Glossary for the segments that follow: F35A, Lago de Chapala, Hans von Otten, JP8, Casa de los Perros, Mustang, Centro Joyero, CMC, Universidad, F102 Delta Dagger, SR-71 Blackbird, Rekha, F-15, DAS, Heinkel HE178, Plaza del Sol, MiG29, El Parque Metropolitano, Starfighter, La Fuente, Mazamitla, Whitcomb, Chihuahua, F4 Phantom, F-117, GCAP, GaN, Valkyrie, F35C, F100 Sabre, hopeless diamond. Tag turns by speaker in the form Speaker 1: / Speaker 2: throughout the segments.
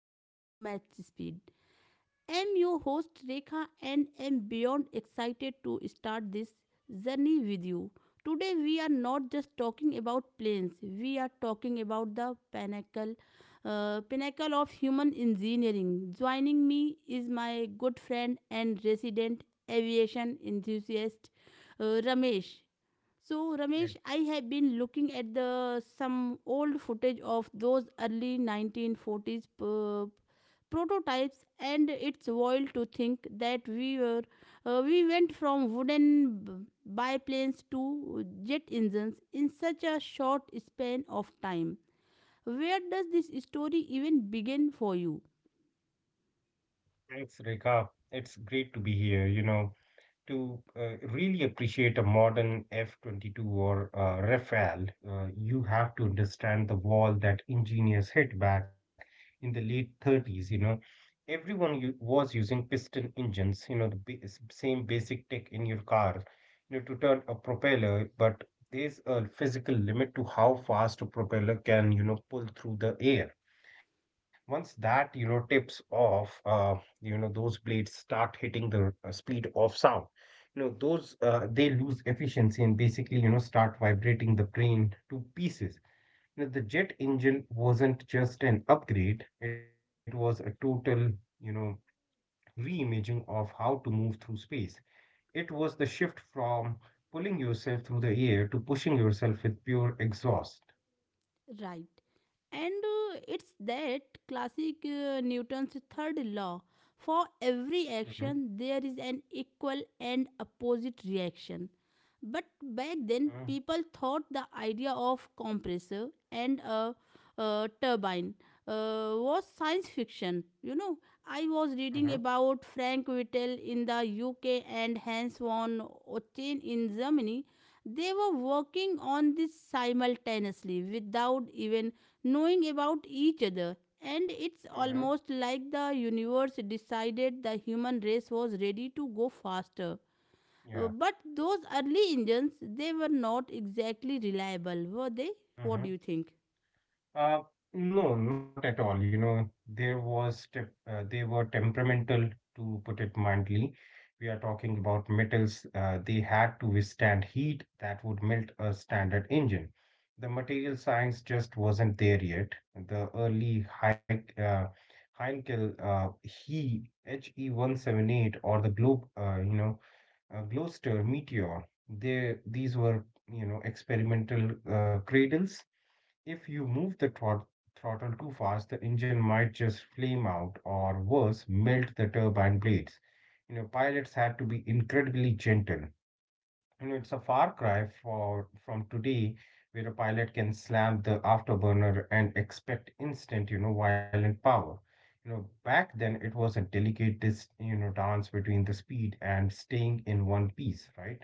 Speaker 1: everyone to Match Speed. I'm your host Rekha, and I am beyond excited to start this journey with you. Today we are not just talking about planes, we are talking about the pinnacle, pinnacle of human engineering. Joining me is my good friend and resident aviation enthusiast, Ramesh. So,
Speaker 2: Yeah,
Speaker 1: Ramesh, I have been looking at the some old footage of those early 1940s prototypes, and it's wild to think that we went from wooden biplanes to jet engines in such a short span of time. Where does this story even begin for you?
Speaker 2: thanks, Rekha. It's great to be here, to really appreciate a modern F-22 or Rafale, you have to understand the wall that engineers hit back in the late 30s. Everyone u was using piston engines, the same basic tech in your car, to turn a propeller, but there's a physical limit to how fast a propeller can, pull through the air once that tips off. Those blades start hitting the speed of sound. You know those uh, they lose efficiency, and basically start vibrating the brain to pieces. The jet engine wasn't just an upgrade. It was a total you know reimagining of how to move through space. It was the shift from pulling yourself through the air to pushing yourself with pure exhaust.
Speaker 1: Right. And it's that classic Newton's third law. For
Speaker 2: Hmm.
Speaker 1: every action, there is an equal and opposite reaction. But back then, people thought the idea of compressor and a, uh, turbine was science fiction. You know, I was
Speaker 2: Hmm.
Speaker 1: reading about Frank Whittle in the UK and Hans von Otten in Germany. They were working on this simultaneously without even knowing about each other. And it's
Speaker 2: Hmm.
Speaker 1: almost like the universe decided the human race was ready to go faster. Uh,
Speaker 2: Yeah.
Speaker 1: But those early engines, they were not exactly reliable, were they? What do
Speaker 2: Mhm.
Speaker 1: you think?
Speaker 2: Uh, no, not at all. You know, there was te they were temperamental, to put it mildly. We are talking about metals. They had to withstand heat that would melt a standard engine. The material science just wasn't there yet. The early Heinkel, he HE178 or the Gloucester Meteor. They these were experimental cradles. If you move the throttle too fast, the engine might just flame out or, worse, melt the turbine blades. Pilots had to be incredibly gentle. It's a far cry for from today, where a pilot can slam the afterburner and expect instant, violent power. Back then it was a delicate, dance between the speed and staying in one piece, right?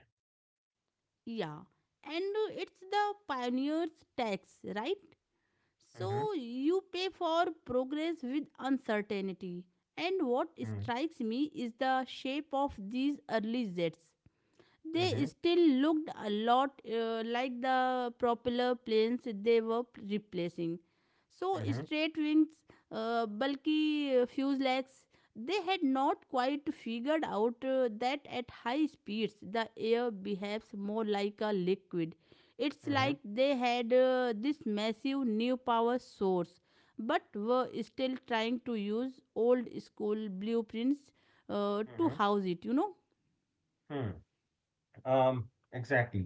Speaker 1: Yeah. And it's the pioneer's tax, right?
Speaker 2: Mm-hmm.
Speaker 1: So you pay for progress with uncertainty. And what
Speaker 2: Mm-hmm.
Speaker 1: strikes me is the shape of these early Zs. They
Speaker 2: Mm-hmm.
Speaker 1: still looked a lot like the propeller planes they were replacing. So
Speaker 2: Mm-hmm.
Speaker 1: straight wings, bulky fuselages, they had not quite figured out that at high speeds the air behaves more like a liquid. It's
Speaker 2: Mm-hmm.
Speaker 1: like they had this massive new power source, but were still trying to use old school blueprints to
Speaker 2: Mm-hmm.
Speaker 1: house it,
Speaker 2: Mm-hmm. Exactly.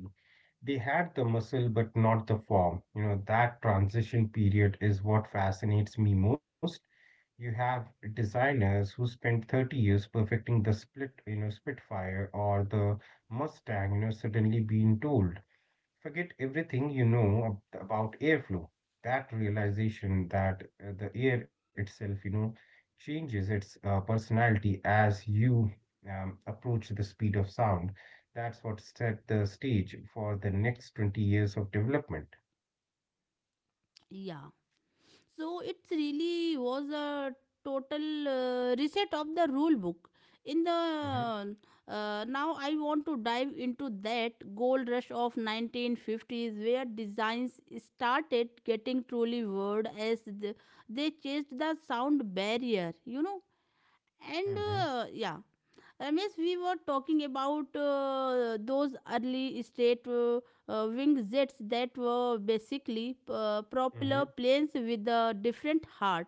Speaker 2: They had the muscle, but not the form. That transition period is what fascinates me most. You have designers who spent 30 years perfecting the Spitfire or the Mustang, suddenly being told, "Forget everything you know about airflow." That realization that the air itself, changes its personality as you approach the speed of sound. That's what set the stage for the next 20 years of development.
Speaker 1: Yeah. So it really was a total reset of the rule book. In
Speaker 2: Mm-hmm.
Speaker 1: the Now, I want to dive into that gold rush of 1950s, where designs started getting truly weird as they chased the sound barrier. You know, and
Speaker 2: Mm-hmm.
Speaker 1: Yeah, Ramesh, we were talking about those early straight wing jets that were basically
Speaker 2: Mm-hmm.
Speaker 1: propeller planes with a different heart.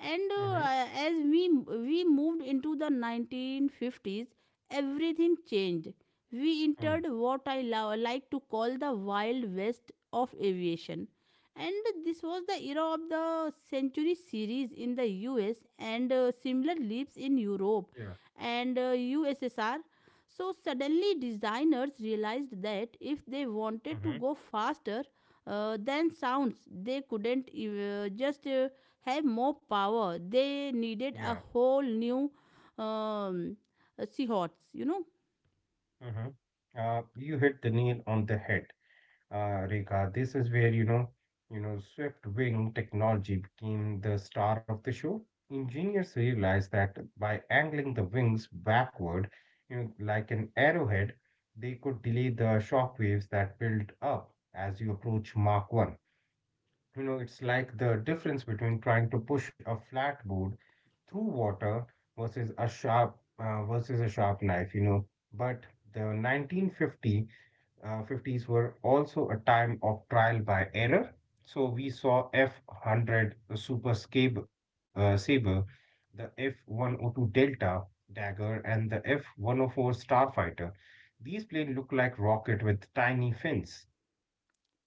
Speaker 1: And
Speaker 2: Mm-hmm.
Speaker 1: as we moved into the 1950s, everything changed. We
Speaker 2: Mm.
Speaker 1: entered what like to call the wild west of aviation. And this was the era of the century series in the US and similar leaps in
Speaker 2: Yeah.
Speaker 1: Europe and USSR. So suddenly designers realized that if they wanted
Speaker 2: Mm-hmm.
Speaker 1: to go faster than sounds, they couldn't just have more power. They needed
Speaker 2: Yeah.
Speaker 1: a whole new um, seahawks, you know.
Speaker 2: Mm-hmm. You hit the nail on the head. Rekha, this is where swift wing technology became the star of the show. Engineers realized that by angling the wings backward, like an arrowhead, they could delay the shock waves that build up as you approach Mach 1. It's like the difference between trying to push a flat board through water versus a sharp knife. But the 1950 uh, 50s were also a time of trial by error. So we saw F100 Super Sabre, the F102 Delta Dagger, and the F104 Starfighter. These planes look like rocket with tiny fins.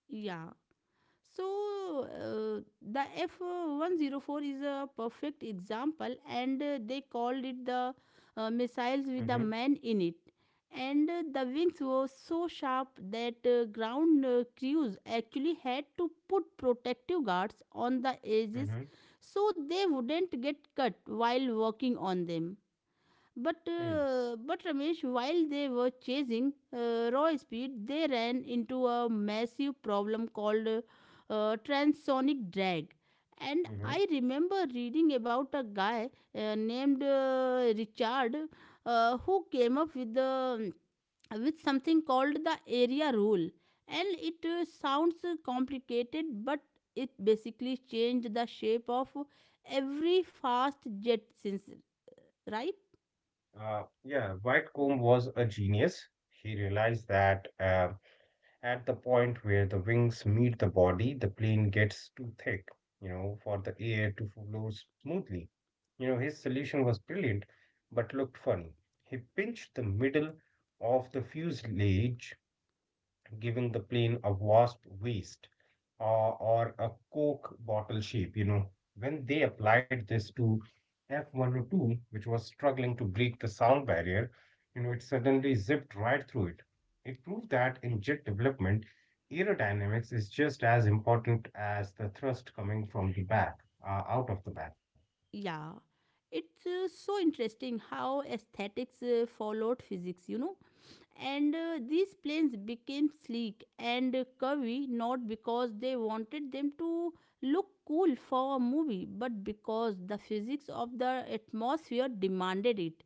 Speaker 1: Yeah. So the F-104 is a perfect example, and they called it the missiles with the
Speaker 2: Mm-hmm.
Speaker 1: man in it. And the wings were so sharp that ground crews actually had to put protective guards on the
Speaker 2: Mm-hmm.
Speaker 1: edges so they wouldn't get cut while working on them. But
Speaker 2: Mm.
Speaker 1: uh, but Ramesh, while they were chasing raw speed, they ran into a massive problem called transonic drag. And
Speaker 2: Hmm. Mm-hmm.
Speaker 1: I remember reading about a guy named Richard, who came up with the with something called the area rule. And it sounds complicated, but it basically changed the shape of every fast jet since, right?
Speaker 2: Yeah, Whitcomb was a genius. He realized that at the point where the wings meet the body, the plane gets too thick, for the air to flow smoothly. His solution was brilliant, but looked funny. He pinched the middle of the fuselage, giving the plane a wasp waist, uh, or a Coke bottle shape. When they applied this to F-102, which was struggling to break the sound barrier, it suddenly zipped right through it. It proved that in jet development, aerodynamics is just as important as the thrust coming from the out of the back.
Speaker 1: Yeah, it's so interesting how aesthetics followed physics, you know. And these planes became sleek and curvy not because they wanted them to look cool for a movie, but because the physics of the atmosphere demanded it.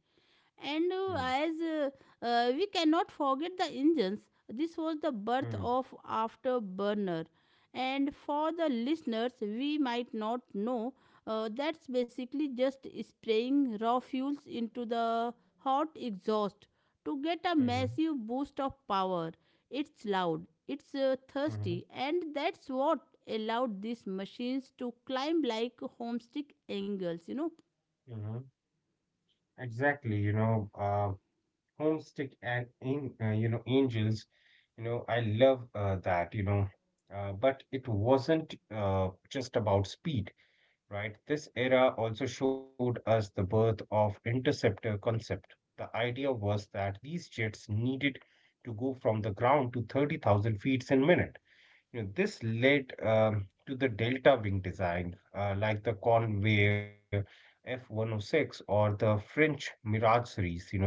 Speaker 1: And
Speaker 2: Mm.
Speaker 1: as We cannot forget the engines. This was the birth
Speaker 2: Mm.
Speaker 1: of afterburner, and for the listeners we might not know, that's basically just spraying raw fuels into the hot exhaust to get a
Speaker 2: Mhm.
Speaker 1: massive boost of power. It's loud, it's
Speaker 2: Mhm.
Speaker 1: thirsty, and that's what allowed these machines to climb like homestick angles, you know.
Speaker 2: Mhm. Exactly, Homestick and in, you know Angels, I love that, but it wasn't just about speed, right? This era also showed us the birth of interceptor concept. The idea was that these jets needed to go from the ground to 30,000 feet in minute. This led to the delta wing design, like the Convair F-106 or the French Mirage series,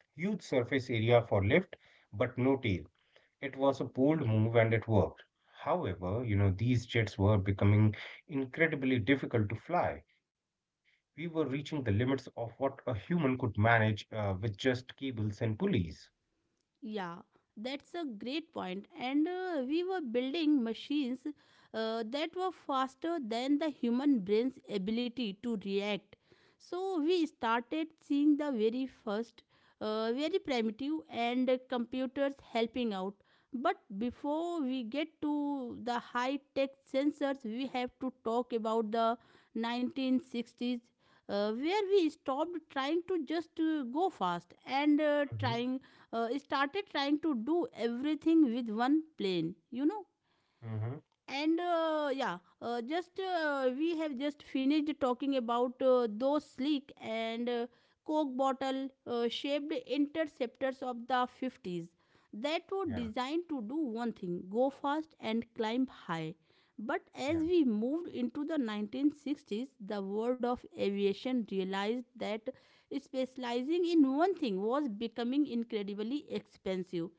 Speaker 2: huge surface area for lift, but no tail. It was a bold move, and it worked. However, these jets were becoming incredibly difficult to fly. We were reaching the limits of what a human could manage with just cables and pulleys.
Speaker 1: Yeah, that's a great point. And we were building machines that were faster than the human brain's ability to react. So we started seeing the very first, very primitive, and computers helping out. But before we get to the high tech sensors, we have to talk about the 1960s, where we stopped trying to just go fast and
Speaker 2: Mm-hmm.
Speaker 1: trying started trying to do everything with one plane, you know
Speaker 2: Mm-hmm.
Speaker 1: and yeah just We have just finished talking about those sleek and, coke bottle shaped interceptors of the 50s that were
Speaker 2: Yeah.
Speaker 1: designed to do one thing: go fast and climb high. But as
Speaker 2: Yeah.
Speaker 1: we moved into the 1960s, the world of aviation realized that specializing in one thing was becoming incredibly expensive,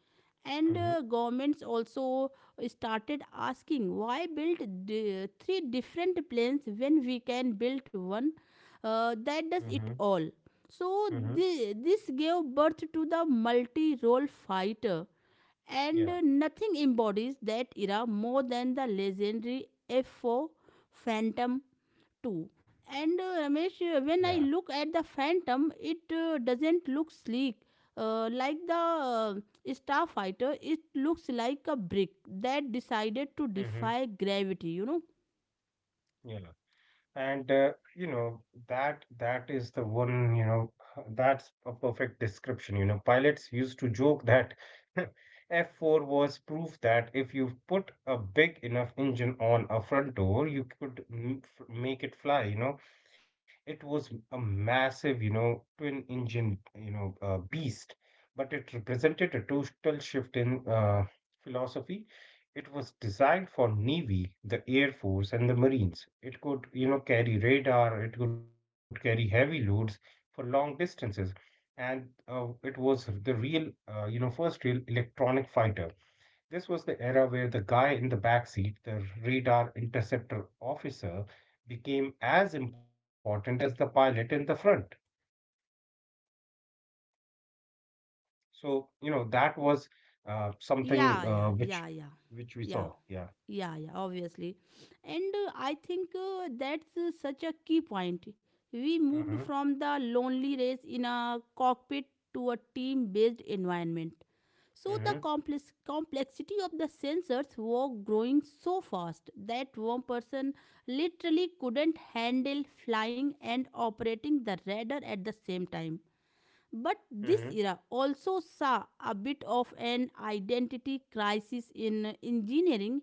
Speaker 1: and
Speaker 2: Mm-hmm.
Speaker 1: governments also started asking, why build three different planes when we can build one that does
Speaker 2: Mm-hmm.
Speaker 1: it all? So,
Speaker 2: Mm-hmm.
Speaker 1: this gave birth to the multi role fighter, and
Speaker 2: Yeah.
Speaker 1: nothing embodies that era more than the legendary F4 Phantom too. And
Speaker 2: Yeah.
Speaker 1: Ramesh, when I look at the Phantom, it doesn't look sleek. Like the, Starfighter, it looks like a brick that decided
Speaker 2: Mm-hmm.
Speaker 1: to defy gravity, you know?
Speaker 2: Yeah. And that is the one. That's a perfect description. Pilots used to joke that F4 was proof that if you put a big enough engine on a front door, you could m f make it fly. It was a massive, twin engine, beast, but it represented a total shift in philosophy. It was designed for Navy, the Air Force, and the Marines. It could, carry radar, it could carry heavy loads for long distances, and it was the first real electronic fighter. This was the era where the guy in the backseat, the radar interceptor officer, became as important as the pilot in the front. So, that was something
Speaker 1: Yeah, yeah,
Speaker 2: which
Speaker 1: yeah, yeah.
Speaker 2: which we saw.
Speaker 1: Yeah,
Speaker 2: Yeah.
Speaker 1: yeah, yeah, obviously. And I think that's such a key point. We moved
Speaker 2: Mm-hmm.
Speaker 1: from the lonely race in a cockpit to a team based environment. So the
Speaker 2: Mm-hmm.
Speaker 1: complexity of the sensors were growing so fast that one person literally couldn't handle flying and operating the radar at the same time. But
Speaker 2: Mm-hmm.
Speaker 1: this era also saw a bit of an identity crisis in engineering,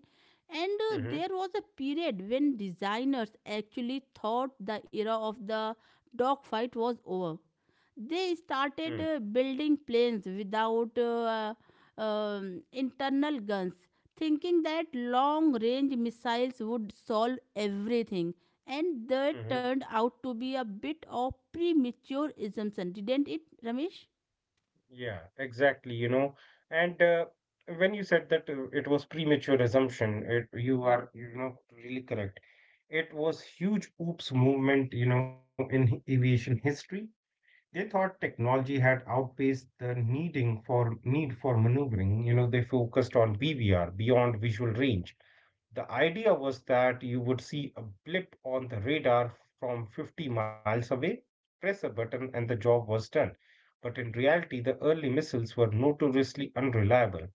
Speaker 1: and
Speaker 2: Mm-hmm.
Speaker 1: there was a period when designers actually thought the era of the dogfight was over. They
Speaker 2: Mm-hmm.
Speaker 1: started building planes without internal guns, thinking that long range missiles would solve everything. And
Speaker 2: Mm-hmm.
Speaker 1: that turned out to be a bit of premature assumption, didn't it, Ramesh?
Speaker 2: Yeah, exactly. And when you said that it was premature assumption, you are, really correct. It was huge oops movement, in aviation history. They thought technology had outpaced the need for maneuvering. They focused on BVR, beyond visual range. The idea was that you would see a blip on the radar from 50 miles away, press a button, and the job was done. But in reality, the early missiles were notoriously unreliable.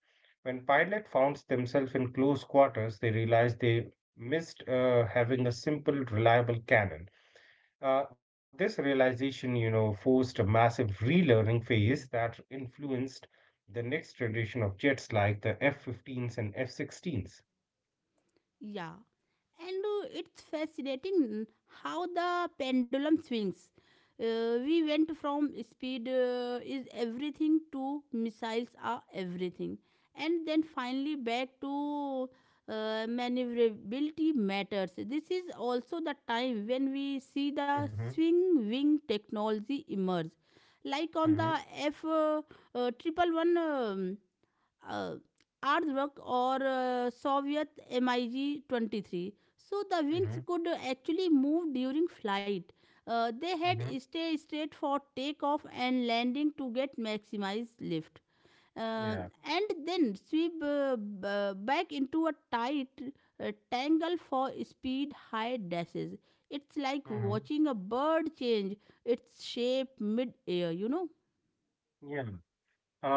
Speaker 2: When pilots found themselves in close quarters, they realized they missed having a simple, reliable cannon. This realization, forced a massive relearning phase that influenced the next generation of jets like the F-15s and F-16s.
Speaker 1: Yeah, and it's fascinating how the pendulum swings. We went from speed is everything to missiles are everything, and then finally back to maneuverability matters. This is also the time when we see the
Speaker 2: Mm-hmm.
Speaker 1: swing wing technology emerge, like on the
Speaker 2: Mm-hmm.
Speaker 1: F triple one, uh, Aardvark or Soviet MiG 23. So the wings
Speaker 2: Mm-hmm.
Speaker 1: could actually move during flight. They had
Speaker 2: Mm-hmm.
Speaker 1: stay straight for takeoff and landing to get maximized lift. Uh,
Speaker 2: Yeah.
Speaker 1: and then sweep, back into a tight tangle for speed high dashes. It's like
Speaker 2: Mm-hmm.
Speaker 1: watching a bird change its shape mid air, you know?
Speaker 2: Yeah.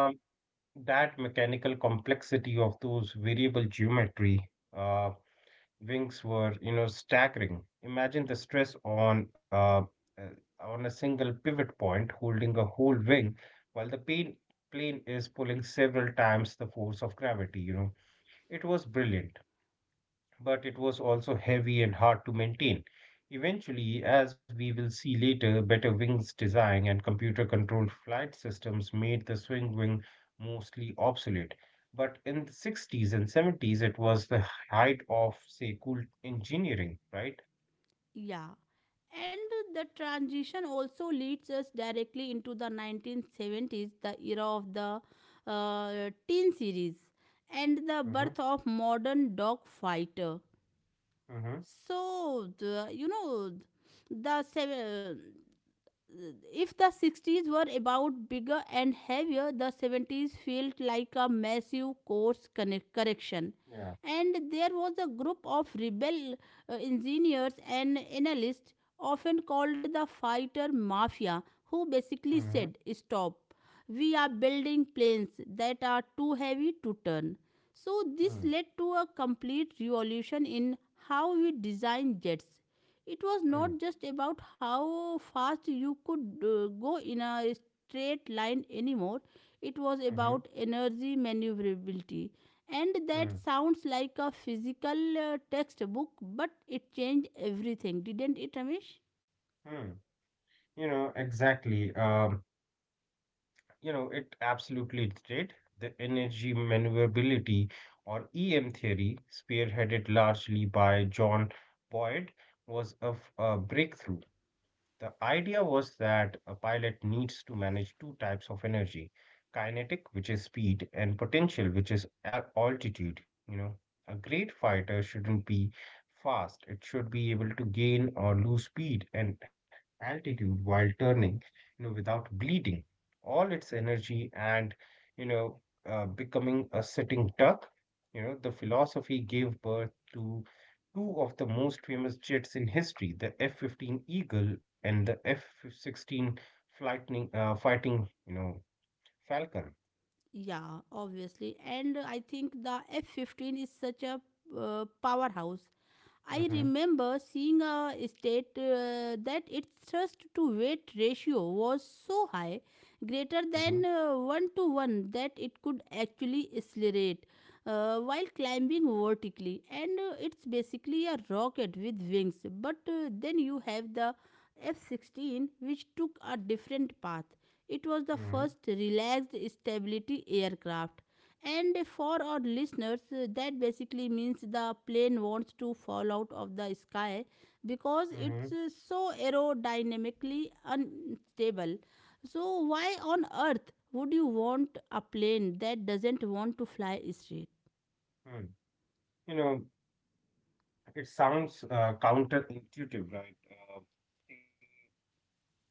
Speaker 2: Um, that mechanical complexity of those variable geometry uh, wings were, staggering. Imagine the stress uh, on a single pivot point holding a whole wing, while the pain plane is pulling several times the force of gravity. It was brilliant, but it was also heavy and hard to maintain. Eventually, as we will see later, better wings design and computer controlled flight systems made the swing wing mostly obsolete. But in the 60s and 70s, it was the height of, say, cool engineering, right?
Speaker 1: Yeah. And the transition also leads us directly into the 1970s, the era of the teen series, and the
Speaker 2: Mm-hmm.
Speaker 1: birth of modern dog fighter.
Speaker 2: Mm-hmm.
Speaker 1: So, the, you know, the seven, if the 60s were about bigger and heavier, the 70s felt like a massive correction.
Speaker 2: Yeah.
Speaker 1: And there was a group of rebel engineers and analysts, often called the fighter mafia, who basically
Speaker 2: Mm-hmm.
Speaker 1: said, stop, we are building planes that are too heavy to turn. So, this
Speaker 2: Mm-hmm.
Speaker 1: led to a complete revolution in how we design jets. It was not
Speaker 2: Mm-hmm.
Speaker 1: just about how fast you could go in a straight line anymore. It was
Speaker 2: Mm-hmm.
Speaker 1: about energy maneuverability, and that
Speaker 2: Mm.
Speaker 1: sounds like a physical textbook, but it changed everything, didn't it, amish?
Speaker 2: Mm. Exactly. It absolutely did. The energy maneuverability, or EM theory, spearheaded largely by John Boyd, was a breakthrough. The idea was that a pilot needs to manage two types of energy: kinetic, which is speed, and potential, which is altitude. A great fighter shouldn't be fast, it should be able to gain or lose speed and altitude while turning, without bleeding all its energy and you know becoming a sitting duck. The philosophy gave birth to two of the most famous jets in history, the F-15 Eagle and the F-16 flightening Fighting Falcon.
Speaker 1: Yeah, obviously. And I think the F-15 is such a powerhouse. I
Speaker 2: Hmm.
Speaker 1: remember seeing a state that its thrust to weight ratio was so high, greater
Speaker 2: Hmm.
Speaker 1: than 1 to 1, that it could actually accelerate while climbing vertically. And it's basically a rocket with wings. But then you have the F 16, which took a different path. It was the
Speaker 2: Hmm.
Speaker 1: first relaxed stability aircraft. And for our listeners, that basically means the plane wants to fall out of the sky because
Speaker 2: Hmm.
Speaker 1: it's so aerodynamically unstable. So, why on earth would you want a plane that doesn't want to fly straight?
Speaker 2: You know it sounds counterintuitive, right? Uh,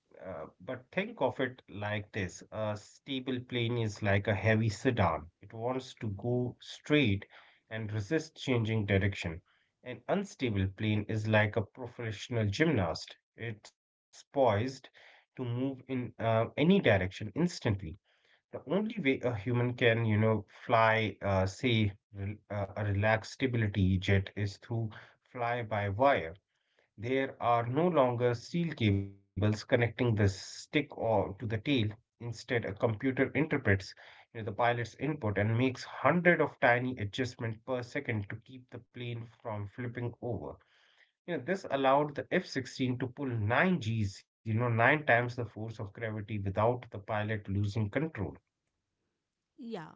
Speaker 2: but think of it like this. A stable plane is like a heavy sedan. It wants to go straight and resist changing direction. An unstable plane is like a professional gymnast. It's poised to move in any direction instantly. The only way a human can, fly, say, a relaxed stability jet is through fly-by-wire. There are no longer steel cables connecting the stick or to the tail. Instead, a computer interprets the pilot's input and makes hundred of tiny adjustments per second to keep the plane from flipping over. This allowed the F-16 to pull 9 Gs, nine times the force of gravity, without the pilot losing control.
Speaker 1: Yeah,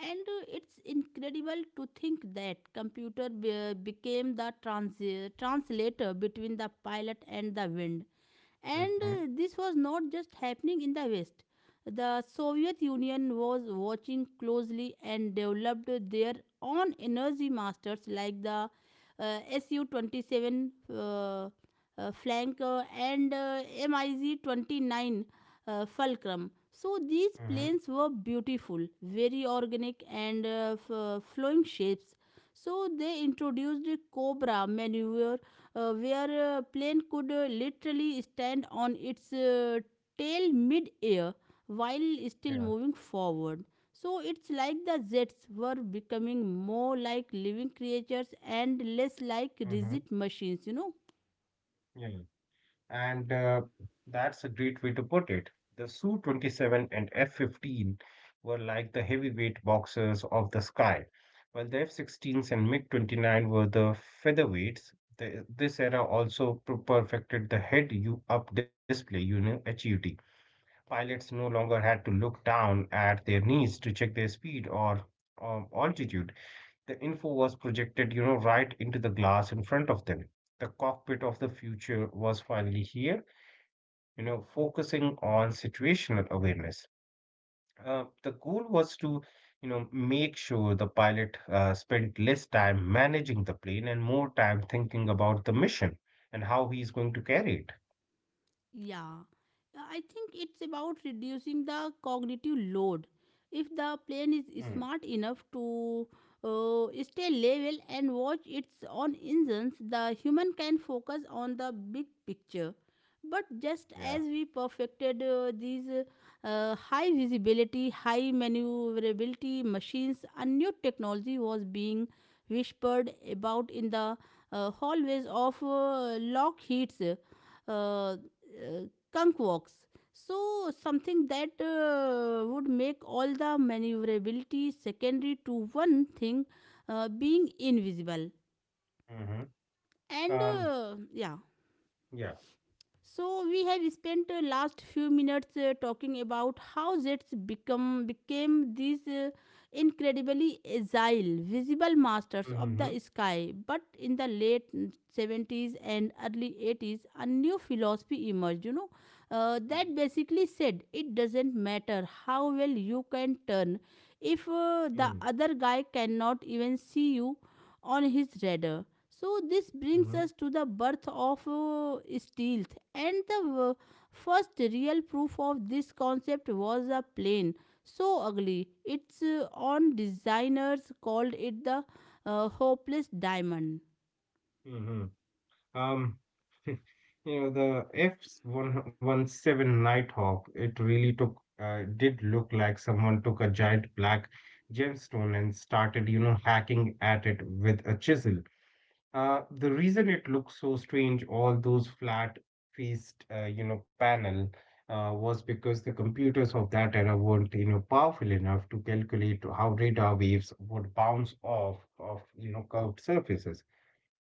Speaker 1: and it's incredible to think that computer became the translator between the pilot and the wind. And
Speaker 2: Hmm.
Speaker 1: this was not just happening in the West. The Soviet Union was watching closely and developed their own energy masters like the, uh, Su 27. Flank, and MiG 29, Fulcrum. So these
Speaker 2: Hmm.
Speaker 1: planes were beautiful, very organic and, flowing shapes. So they introduced Cobra maneuver, where plane could literally stand on its tail mid-air while still
Speaker 2: Yeah.
Speaker 1: moving forward. So it's like the jets were becoming more like living creatures and less like
Speaker 2: Hmm.
Speaker 1: rigid machines, you know.
Speaker 2: Yeah. And that's a great way to put it. The Su 27 and F 15 were like the heavyweight boxers of the sky, while the F 16s and MiG 29 were the featherweights. This era also perfected the head up display, HUD. Pilots no longer had to look down at their knees to check their speed or altitude. The info was projected, right into the glass in front of them. The cockpit of the future was finally here, focusing on situational awareness. The goal was to, make sure the pilot spent less time managing the plane and more time thinking about the mission and how he's going to carry it.
Speaker 1: Yeah, I think it's about reducing the cognitive load. If the plane
Speaker 2: Hmm.
Speaker 1: is smart enough to stay level and watch its own engines, the human can focus on the big picture. But just
Speaker 2: Yeah.
Speaker 1: as we perfected these high visibility, high maneuverability machines, a new technology was being whispered about in the hallways of Lockheed's. Uh, Skunk walks. So, something that would make all the maneuverability secondary to one thing, being invisible.
Speaker 2: Mm-hmm.
Speaker 1: And
Speaker 2: Um.
Speaker 1: uh, yeah,
Speaker 2: Yeah.
Speaker 1: So we have spent last few minutes talking about how jets become became these incredibly agile, visible masters of
Speaker 2: Mm-hmm.
Speaker 1: the sky. But in the late 70s and early 80s, a new philosophy emerged. That basically said it doesn't matter how well you can turn if
Speaker 2: Mm-hmm.
Speaker 1: the other guy cannot even see you on his radar. So this
Speaker 2: Mm-hmm.
Speaker 1: brings us to the birth of stealth, and the uh, first real proof of this concept was a plane so ugly. Its on designers called it the hopeless diamond.
Speaker 2: Mm-hmm. Um, you the F-117 Nighthawk. It really did look like someone took a giant black gemstone and started, hacking at it with a chisel. The reason it looks so strange, all those flat faced, panel, was because the computers of that era weren't, powerful enough to calculate how radar waves would bounce off of, curved surfaces.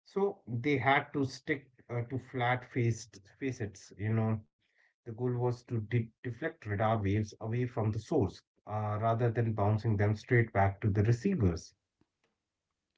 Speaker 2: So they had to stick to flat faced facets. The goal was to deflect radar waves away from the source, rather than bouncing them straight back to the receivers.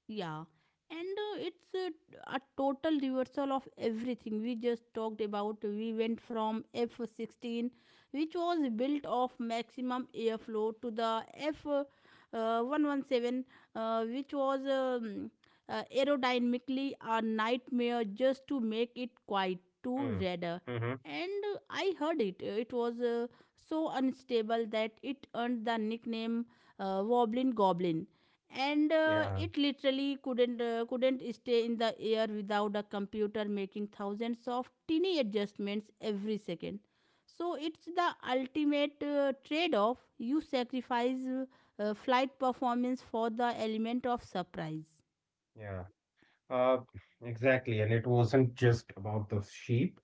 Speaker 1: Yeah, and it's a total reversal of everything we just talked about. We went from F 16, which was built of maximum airflow, to the F 117, which was aerodynamically a nightmare just to make it quite
Speaker 2: Mm. Hmm.
Speaker 1: to radar.
Speaker 2: Mm-hmm.
Speaker 1: And I heard it. It was so unstable that it earned the nickname Wobbling Goblin, and
Speaker 2: Yeah,
Speaker 1: it literally couldn't stay in the air without a computer making thousands of tiny adjustments every second. So it's the ultimate trade off. You sacrifice flight performance for the element of surprise.
Speaker 2: yeah. Uh, exactly. And it wasn't just about the sheep.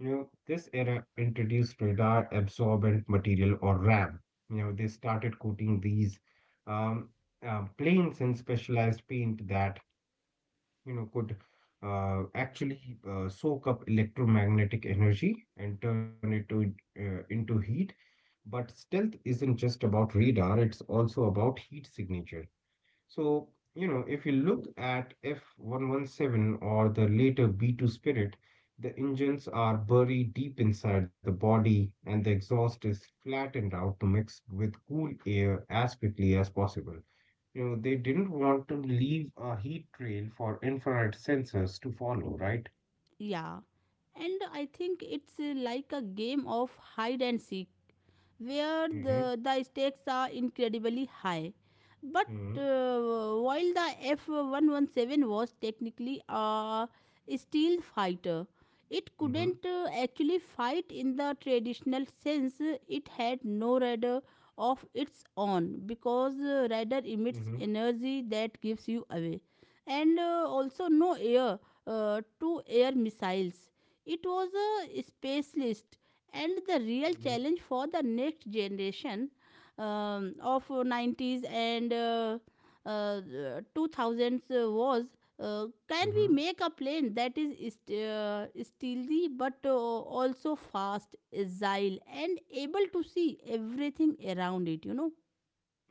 Speaker 2: This era introduced radar absorbent material or RAM. They started coating these um, planes in specialized paint that, could actually soak up electromagnetic energy and turn it into heat. But stealth isn't just about radar, it's also about heat signature. So, if you look at F-117 or the later B-2 Spirit, the engines are buried deep inside the body and the exhaust is flattened out to mix with cool air as quickly as possible. They didn't want to leave a heat trail for infrared sensors to follow, right?
Speaker 1: Yeah, and I think it's like a game of hide and seek where
Speaker 2: Mm-hmm.
Speaker 1: the stakes are incredibly high. But
Speaker 2: Mm-hmm.
Speaker 1: while the F 117 was technically a steel fighter, it
Speaker 2: Mm-hmm.
Speaker 1: couldn't actually fight in the traditional sense. It had no radar of its own, because radar emits
Speaker 2: Mm-hmm.
Speaker 1: energy that gives you away, and also no air to air missiles. It was a specialist, and the real
Speaker 2: Mm-hmm.
Speaker 1: challenge for the next generation of 90s and uh, 2000s was, can we
Speaker 2: Mm-hmm.
Speaker 1: make a plane that is stealthy but also fast, agile, and able to see everything around it? You know.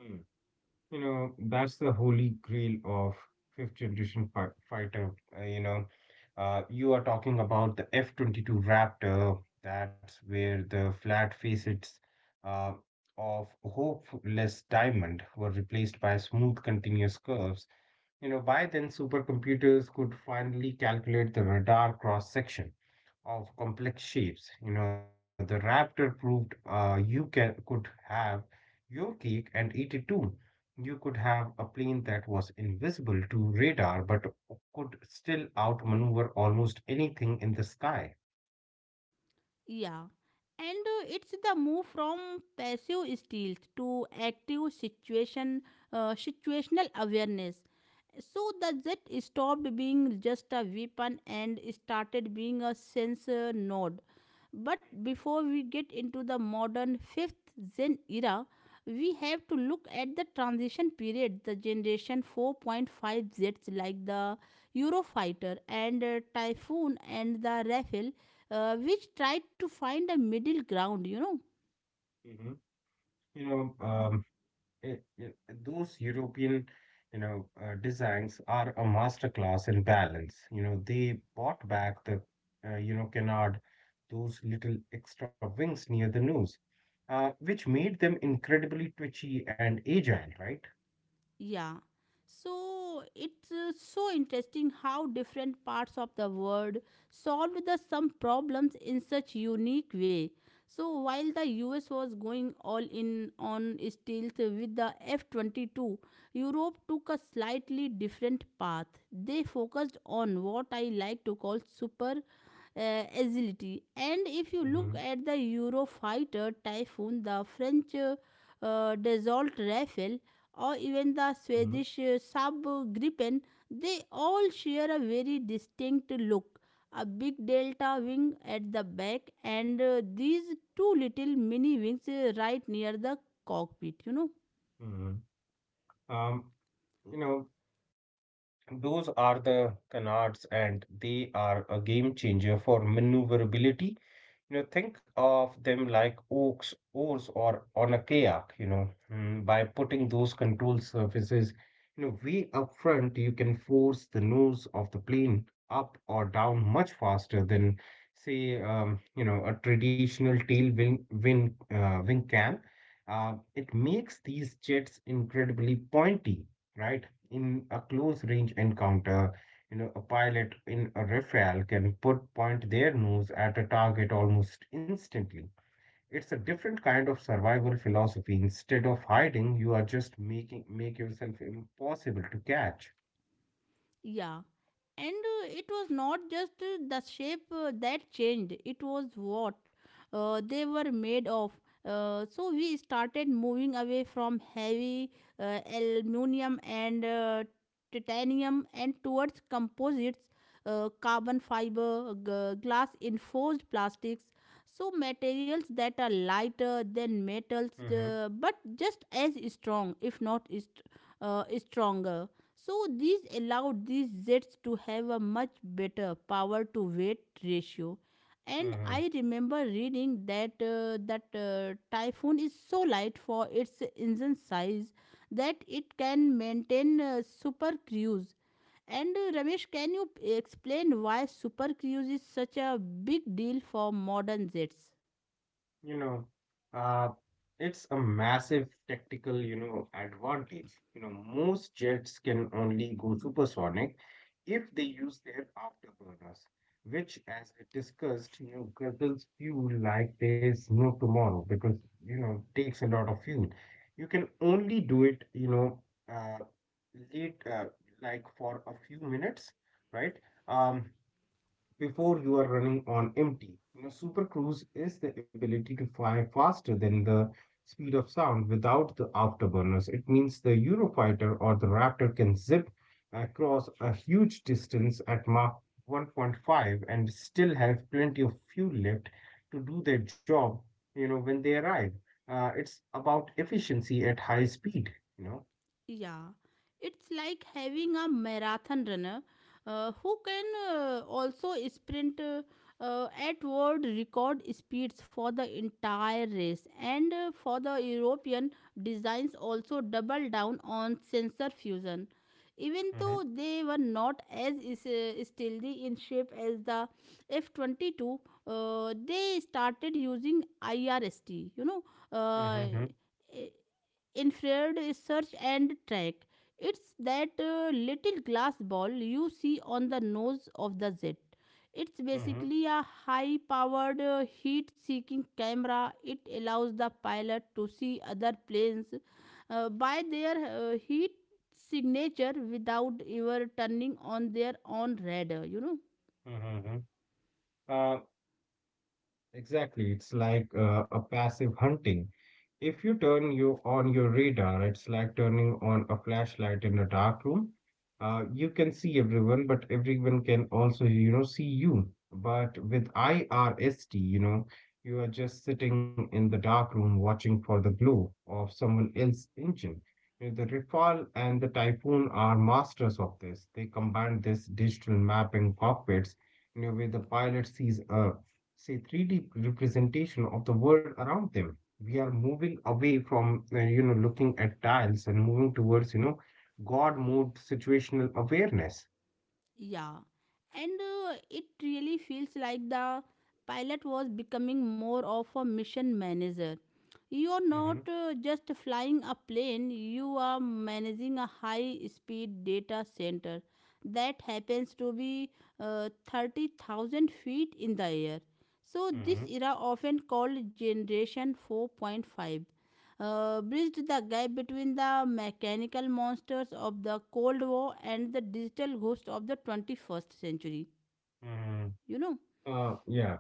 Speaker 2: Mm. That's the holy grail of fifth generation fi fighter. Uh, you know, you are talking about the F-22 Raptor. That's where the flat facets uh, of hopeless diamond were replaced by smooth continuous curves. By then supercomputers could finally calculate the radar cross section of complex shapes. The Raptor proved, you can could have your cake and eat it too. You could have a plane that was invisible to radar but could still outmaneuver almost anything in the sky.
Speaker 1: Yeah, and it's the move from passive stealth to active situational awareness. So the jet stopped being just a weapon and started being a sense node. But before we get into the modern 5th Gen era, we have to look at the transition period, the generation 4.5 jets like the Eurofighter and Typhoon and the Rafale, which tried to find a middle ground, you know.
Speaker 2: Mhm, mhm, mhm. You know, um, it, it- those European, designs are a masterclass in balance. They bought back the canard, those little extra wings near the nose, which made them incredibly twitchy and agile, right?
Speaker 1: Yeah. So it's so interesting how different parts of the world solved the some problems in such unique way. So while the US was going all in on stealth with the F-22, Europe took a slightly different path. They focused on what I like to call super agility. And if you
Speaker 2: Mm-hmm.
Speaker 1: look at the Eurofighter Typhoon, the French Dassault Rafale, or even the
Speaker 2: Mm-hmm.
Speaker 1: Swedish subgripen, they all share a very distinct look, a big delta wing at the back, and these two little mini wings right near the cockpit, you know.
Speaker 2: Mm-hmm. Um, you know, those are the canards, and they are a game changer for maneuverability. Think of them like oars, or on a kayak. By putting those control surfaces, way up front, you can force the nose of the plane up or down much faster than, say, a traditional tail wing can. It makes these jets incredibly pointy, right? In a close range encounter, a pilot in a Rafale can put point their nose at a target almost instantly. It's a different kind of survival philosophy. Instead of hiding, you are just making make yourself impossible to catch.
Speaker 1: Yeah. And it was not just the shape that changed, it was what they were made of. So we started moving away from heavy aluminum and titanium and towards composites, carbon fiber glass enforced plastics, so materials that are lighter than metals
Speaker 2: Mm-hmm.
Speaker 1: but just as strong, if not is stronger. So this allowed these jets to have a much better power to weight ratio. And
Speaker 2: Mm-hmm.
Speaker 1: I remember reading that Typhoon is so light for its engine size that it can maintain super cruise. And Ramesh, can you explain why super cruise is such a big deal for modern jets?
Speaker 2: You know, uh, it's a massive tactical, advantage. Most jets can only go supersonic if they use their afterburners, which, as we discussed, guzzles fuel like there's no tomorrow because, takes a lot of fuel. You can only do it, uh, late, uh, like for a few minutes, right? Um, Before you are running on empty. Super Cruise is the ability to fly faster than the speed of sound without the afterburners. It means the Eurofighter or the Raptor can zip across a huge distance at Mach 1.5 and still have plenty of fuel left to do their job, when they arrive. It's about efficiency at high speed, you know.
Speaker 1: Yeah, it's like having a marathon runner who can also sprint at world record speeds for the entire race. And for the European designs, also double down on sensor fusion. Even
Speaker 2: Mhm.
Speaker 1: though they were not as stealthy in shape as the F-22, they started using IRST, you know,
Speaker 2: hmm
Speaker 1: uh,
Speaker 2: hmm
Speaker 1: infrared search and track. It's that little glass ball you see on the nose of the jet. It's
Speaker 2: hmm
Speaker 1: basically a high powered heat seeking camera. It allows the pilot to see other planes by their heat signature without ever turning on their own radar, you know.
Speaker 2: Hmm hmm hmm. Exactly. It's like a passive hunting. If you turn you on your radar, it's like turning on a flashlight in a dark room. You can see everyone, but everyone can also, see you. But with IRST, you are just sitting in the dark room watching for the glow of someone else's engine. The Rafale and the Typhoon are masters of this. They combine this digital mapping cockpits, where the pilot sees, a say, 3D representation of the world around them. We are moving away from, looking at tiles and moving towards, God mode situational awareness.
Speaker 1: Yeah, and it really feels like the pilot was becoming more of a mission manager. You're
Speaker 2: Hmm.
Speaker 1: not just flying a plane, you are managing a high speed data center that happens to be 30,000 feet in the air. So,
Speaker 2: Hmm.
Speaker 1: this era, often called Generation 4.5, bridged the gap between the mechanical monsters of the Cold War and the digital ghosts of the 21st century.
Speaker 2: Hmm.
Speaker 1: You know?
Speaker 2: Yeah.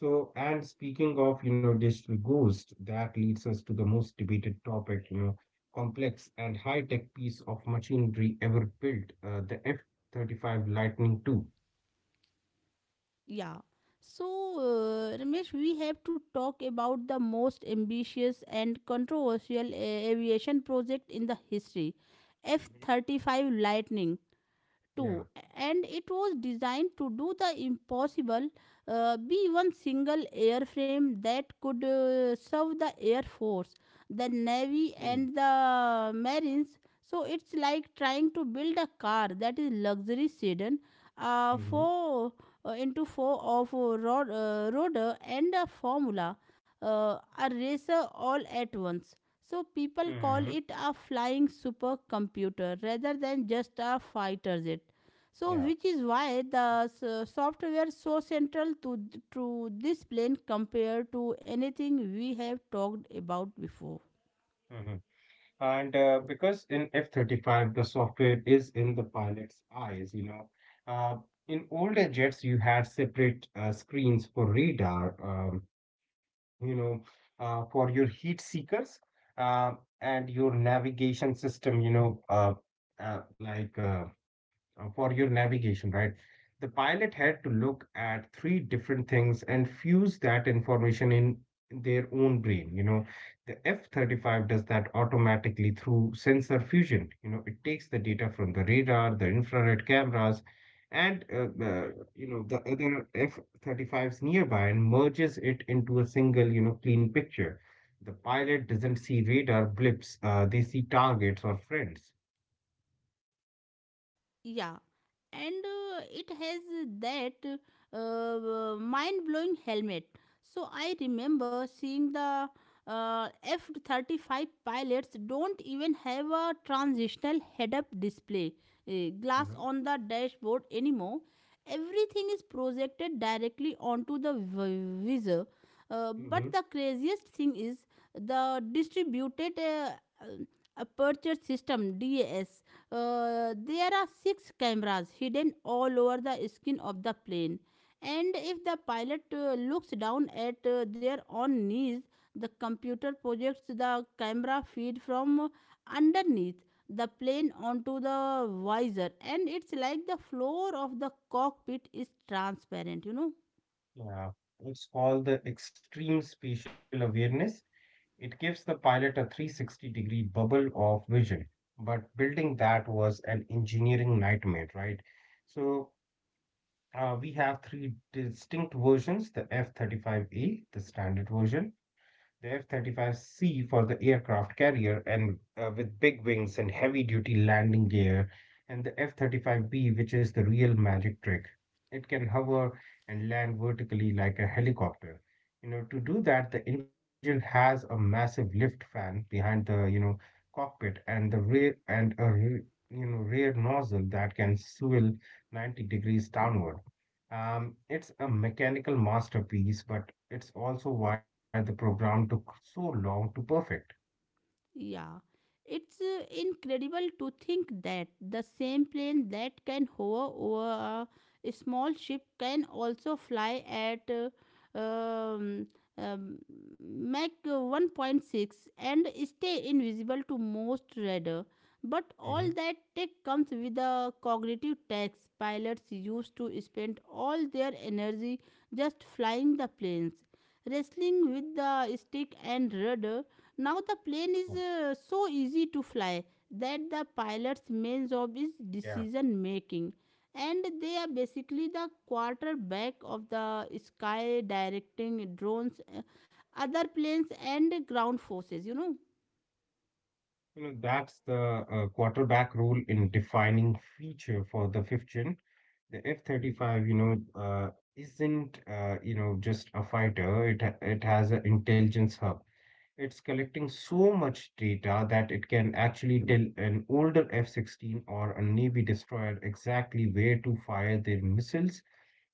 Speaker 2: So, and speaking of, digital ghost, that leads us to the most debated topic. Complex and high tech piece of machinery ever built, the F 35 Lightning two.
Speaker 1: Yeah. So, Ramesh, we have to talk about the most ambitious and controversial aviation project in the history, F
Speaker 2: Mm-hmm.
Speaker 1: 35 Lightning too.
Speaker 2: Yeah.
Speaker 1: And it was designed to do the impossible, be one single airframe that could serve the air force, the navy, and the marines. So it's like trying to build a car that is luxury sedan, uh,
Speaker 2: Mm-hmm.
Speaker 1: four four of rotor and a formula uh, a racer, all at once. So people call
Speaker 2: Mm-hmm.
Speaker 1: it a flying supercomputer rather than just a fighter jet. So
Speaker 2: Yeah.
Speaker 1: which is why the software is so central to this plane compared to anything we have talked about before.
Speaker 2: And because in F-35, the software is in the pilot's eyes. Uh, in older jets, you had separate screens for radar, you know, for your heat seekers, uh, and your navigation system, like, for your navigation, right? The pilot had to look at three different things and fuse that information in their own brain. The F-35 does that automatically through sensor fusion. It takes the data from the radar, the infrared cameras, and the, you know the other F-35s nearby and merges it into a single, clean picture. The pilot doesn't see radar blips; they see targets or friends.
Speaker 1: Yeah, and it has that mind blowing helmet. So I remember seeing the F 35 pilots don't even have a transitional head up display, glass
Speaker 2: Mhm.
Speaker 1: on the dashboard anymore. Everything is projected directly onto the visor. But
Speaker 2: Mhm.
Speaker 1: the craziest thing is the distributed uh, aperture system, DAS. There are six cameras hidden all over the skin of the plane. And if the pilot looks down at their own knees, the computer projects the camera feed from underneath the plane onto the visor. And it's like the floor of the cockpit is transparent, you know.
Speaker 2: Yeah, it's called the extreme spatial awareness. It gives the pilot a 360-degree bubble of vision. But building that was an engineering nightmare, right? So we have three distinct versions: the F 35A, the standard version; the F 35C for the aircraft carrier, and, with big wings and heavy duty landing gear; and the F 35B, which is the real magic trick. It can hover and land vertically like a helicopter. To do that, the engine has a massive lift fan behind the, cockpit and the rear and a rear, you know, rear nozzle that can swivel 90 degrees downward. It's a mechanical masterpiece, but it's also why the program took so long to perfect.
Speaker 1: Yeah, it's incredible to think that the same plane that can hover over a small ship can also fly at um, um, Mach 1.6 and stay invisible to most radar. But all
Speaker 2: Hmm.
Speaker 1: that tech comes with a cognitive tax. Pilots used to spend all their energy just flying the planes, wrestling with the stick and
Speaker 2: Yeah.
Speaker 1: rudder. Now the plane is so easy to fly that the pilot's
Speaker 2: Yeah.
Speaker 1: main job is decision making, and they are basically the quarterback of the sky, directing drones, other planes, and ground forces, you know.
Speaker 2: That's the quarterback rule in defining feature for the fifth gen. The F-35, isn't, just a fighter. It has an intelligence hub. It's collecting so much data that it can actually tell an older F-16 or a Navy destroyer exactly where to fire their missiles,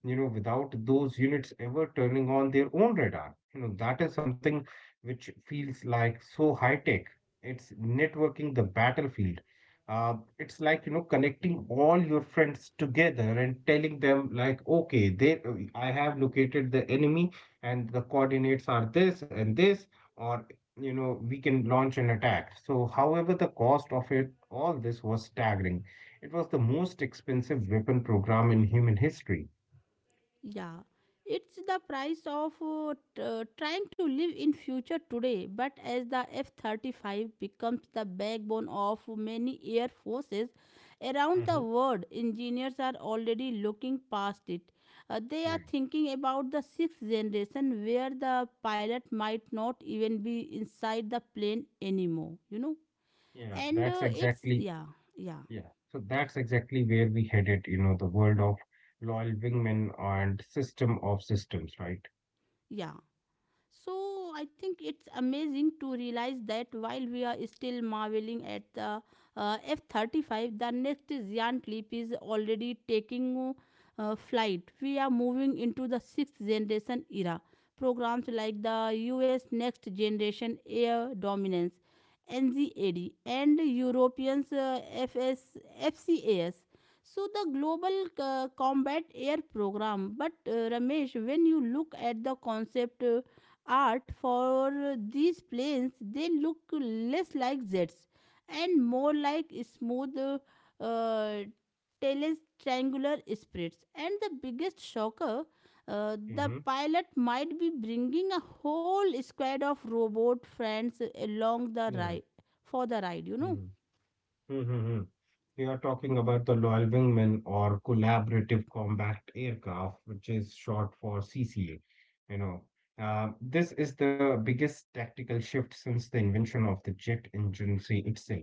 Speaker 2: without those units ever turning on their own radar. That is something which feels like so high tech. It's networking the battlefield. It's like, connecting all your friends together and telling them, like, okay, I have located the enemy and the coordinates are this and this, or, we can launch an attack. So, however, the cost of it, all this was staggering. It was the most expensive weapon program in human history.
Speaker 1: Yeah, it's the price of trying to live in future today. But as the F-35 becomes the backbone of many air forces around the
Speaker 2: Mm-hmm.
Speaker 1: world, engineers are already looking past it. They are
Speaker 2: Yeah,
Speaker 1: thinking about the sixth generation where the pilot might not even be inside the plane anymore. You know,
Speaker 2: yeah,
Speaker 1: and
Speaker 2: that's
Speaker 1: it's
Speaker 2: exactly,
Speaker 1: yeah, yeah,
Speaker 2: yeah. So that's exactly where we headed, the world of loyal wingmen and system of systems, right?
Speaker 1: yeah. So I think it's amazing to realize that while we are still marveling at the F-35, the next giant leap is already taking flight. We are moving into the sixth generation era. Programs like the US Next Generation Air Dominance, NGAD, and Europeans FS, so the global combat air program. But Ramesh, when you look at the concept, art for these planes, they look less like jets and more like smooth, tailless triangular sprites. And the biggest shocker, the
Speaker 2: Mm-hmm.
Speaker 1: pilot might be bringing a whole squad of robot friends along the
Speaker 2: Yeah.
Speaker 1: ride for the ride, you know.
Speaker 2: Mm. Mm-hmm. You are talking about the loyal wingman or collaborative combat aircraft, which is short for CCA. You know, this is the biggest tactical shift since the invention of the jet engine, say, itself.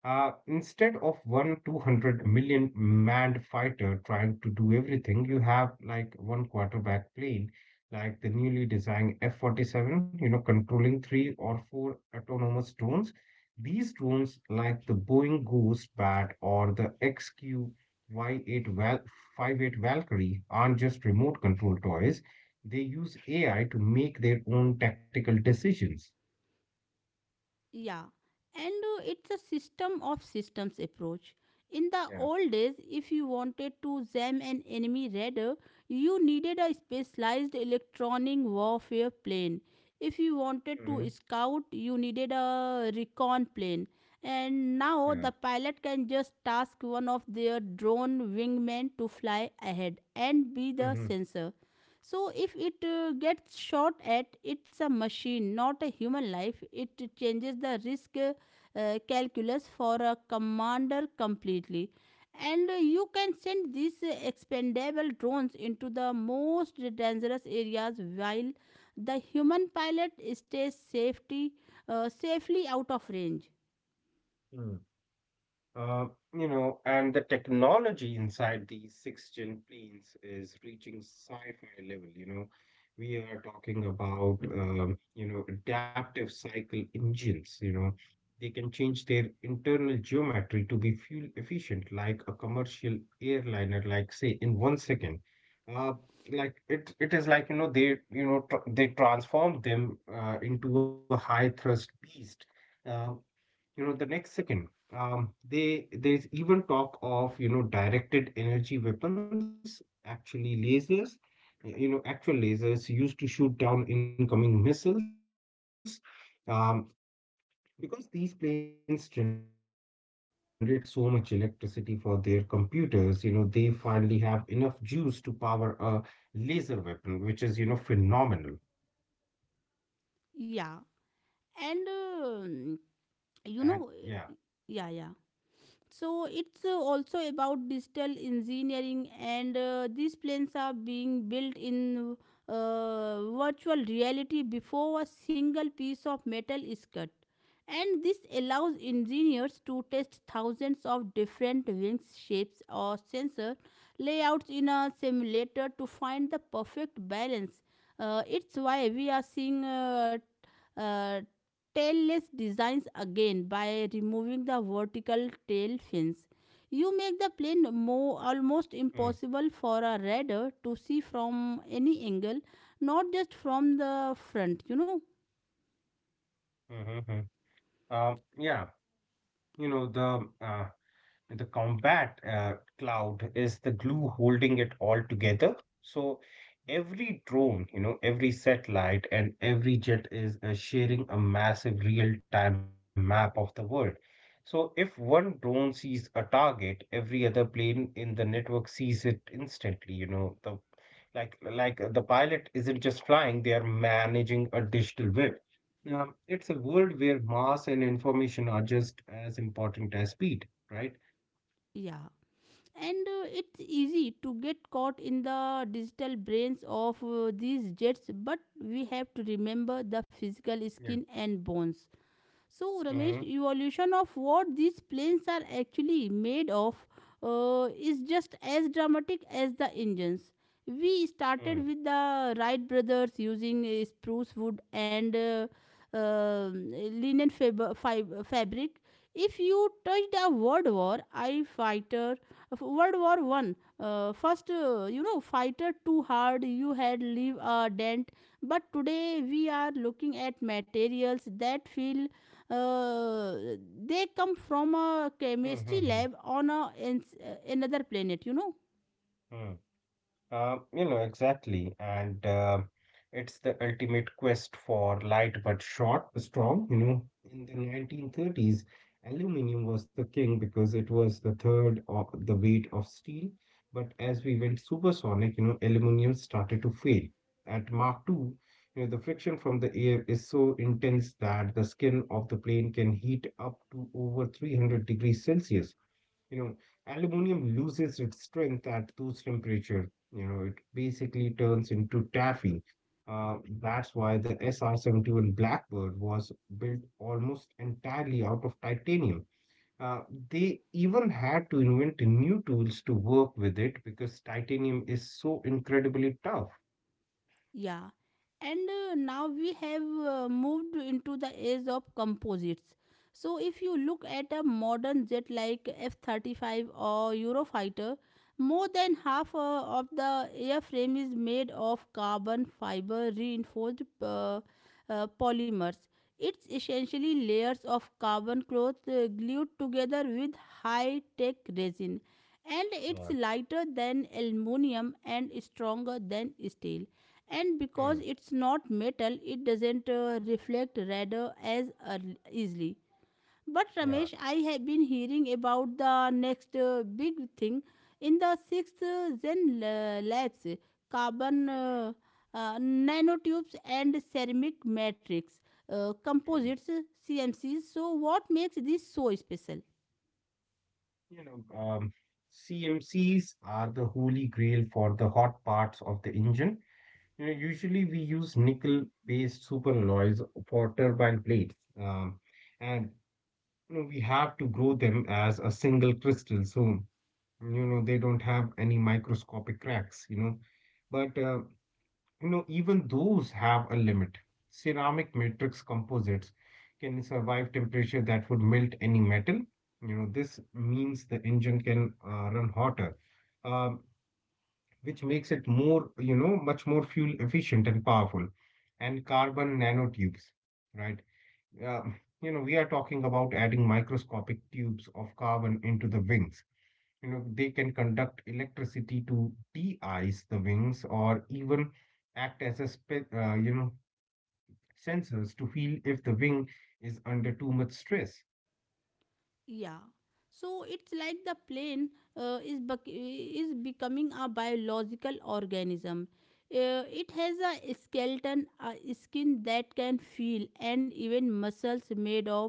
Speaker 2: Instead of one 200 million manned fighter trying to do everything, you have like one quarterback plane, like the newly designed F 47, controlling three or four autonomous drones. These drones, like the Boeing Ghost Bat or the XQY 58 Val 58 Valkyrie, aren't just remote control toys. They use AI to make their own tactical decisions.
Speaker 1: Yeah, and it's a system of systems approach. In the
Speaker 2: Yeah.
Speaker 1: old days, if you wanted to jam an enemy radar, you needed a specialized electronic warfare plane. If you wanted
Speaker 2: Hmm.
Speaker 1: to scout, you needed a recon plane. And now
Speaker 2: Yeah.
Speaker 1: the pilot can just task one of their drone wingmen to fly ahead and be the
Speaker 2: Hmm.
Speaker 1: sensor. So if it gets shot at, it's a machine, not a human life. It changes the risk calculus for a commander completely. And you can send these expendable drones into the most dangerous areas while the human pilot stays safely out of range.
Speaker 2: Uh, and the technology inside these six-gen planes is reaching sci-fi level. We are talking about, adaptive cycle engines. They can change their internal geometry to be fuel efficient, like a commercial airliner, like, say, in 1 second. Uh, like it is like, they, you know, tr they transform them into a high thrust beast. Uh, the next second, they there's even talk of, directed energy weapons, actually lasers, actual lasers used to shoot down incoming missiles. Um because these planes generate so much electricity for their computers, they finally have enough juice to power a laser weapon, which is, phenomenal.
Speaker 1: Yeah. And you know,
Speaker 2: and yeah
Speaker 1: yeah, yeah. so it's also about digital engineering, and these planes are being built in virtual reality before a single piece of metal is cut. And this allows engineers to test thousands of different wings shapes or sensor layouts in a simulator to find the perfect balance. It's why we are seeing uh, tailless designs again. By removing the vertical tail fins, you make the plane more almost
Speaker 2: mm,
Speaker 1: impossible for a radar to see from any angle, not just from the front, you know.
Speaker 2: mhm, mhm. Yeah. You know the uh, And the combat cloud is the glue holding it all together. So every drone, every satellite and every jet is sharing a massive real-time map of the world. So if one drone sees a target, every other plane in the network sees it instantly. You know, the like the pilot isn't just flying; they are managing a digital web. It's a world where mass and information are just as important as speed, right?
Speaker 1: Yeah. And it's easy to get caught in the digital brains of these jets, but we have to remember the physical skin
Speaker 2: Yeah.
Speaker 1: and bones. So, Ramesh,
Speaker 2: Mm-hmm.
Speaker 1: evolution of what these planes are actually made of is just as dramatic as the engines. We started
Speaker 2: Mm,
Speaker 1: with the Wright brothers using spruce wood and linen fabric. If you touched a World War I fighter, of World War One, first you know fighter, too hard, you had leave a dent, but today we are looking at materials that feel, uh, they come from a
Speaker 2: Hmm.
Speaker 1: chemistry
Speaker 2: Hmm. mm,
Speaker 1: lab on another planet, you know.
Speaker 2: mm. You know, exactly. And It's the ultimate quest for light but short, strong. You know, in the 1930s, aluminum was the king because it was the third of the weight of steel. But as we went supersonic, you know, aluminum started to fail. At Mach 2, you know, the friction from the air is so intense that the skin of the plane can heat up to over 300 degrees Celsius. You know, aluminum loses its strength at tooth temperature. You know, it basically turns into taffy. Uh, that's why the SR-71 Blackbird was built almost entirely out of titanium. Uh, they even had to invent new tools to work with it because titanium is so incredibly tough.
Speaker 1: Yeah, and now we have moved into the age of composites. So, if you look at a modern jet like F 35 or Eurofighter, more than half of the airframe is made of carbon fiber reinforced polymers. It's essentially layers of carbon cloth glued together with high tech resin, and it's
Speaker 2: Yeah.
Speaker 1: lighter than aluminum and stronger than steel, and because
Speaker 2: Mm.
Speaker 1: it's not metal, it doesn't reflect radar as easily. But
Speaker 2: Yeah.
Speaker 1: Ramesh, I have been hearing about the next big thing in the sixth labs: carbon
Speaker 2: Mhm.
Speaker 1: nanotubes and ceramic matrix
Speaker 2: Mm.
Speaker 1: composites, CMCs. So what makes this so special?
Speaker 2: You know, um, CMCs are the holy grail for the hot parts of the engine. You know, usually we use nickel-based superalloys for turbine plates, um, and you know, we have to grow them as a single crystal, so you know they don't have any microscopic cracks. You know, but uh, even those have a limit. Ceramic matrix composites can survive temperature that would melt any metal. You know, this means the engine can run hotter. Um, which makes it more, you know, much more fuel efficient and powerful. And carbon nanotubes, right? Uh, you know, we are talking about adding microscopic tubes of carbon into the wings. You know, they can conduct electricity to de-ice the wings or even act as a, you know, sensors to feel if the wing is under too much stress.
Speaker 1: Yeah. So it's like the plane is becoming a biological organism. It has a skeleton, a skin that can feel, and even muscles made of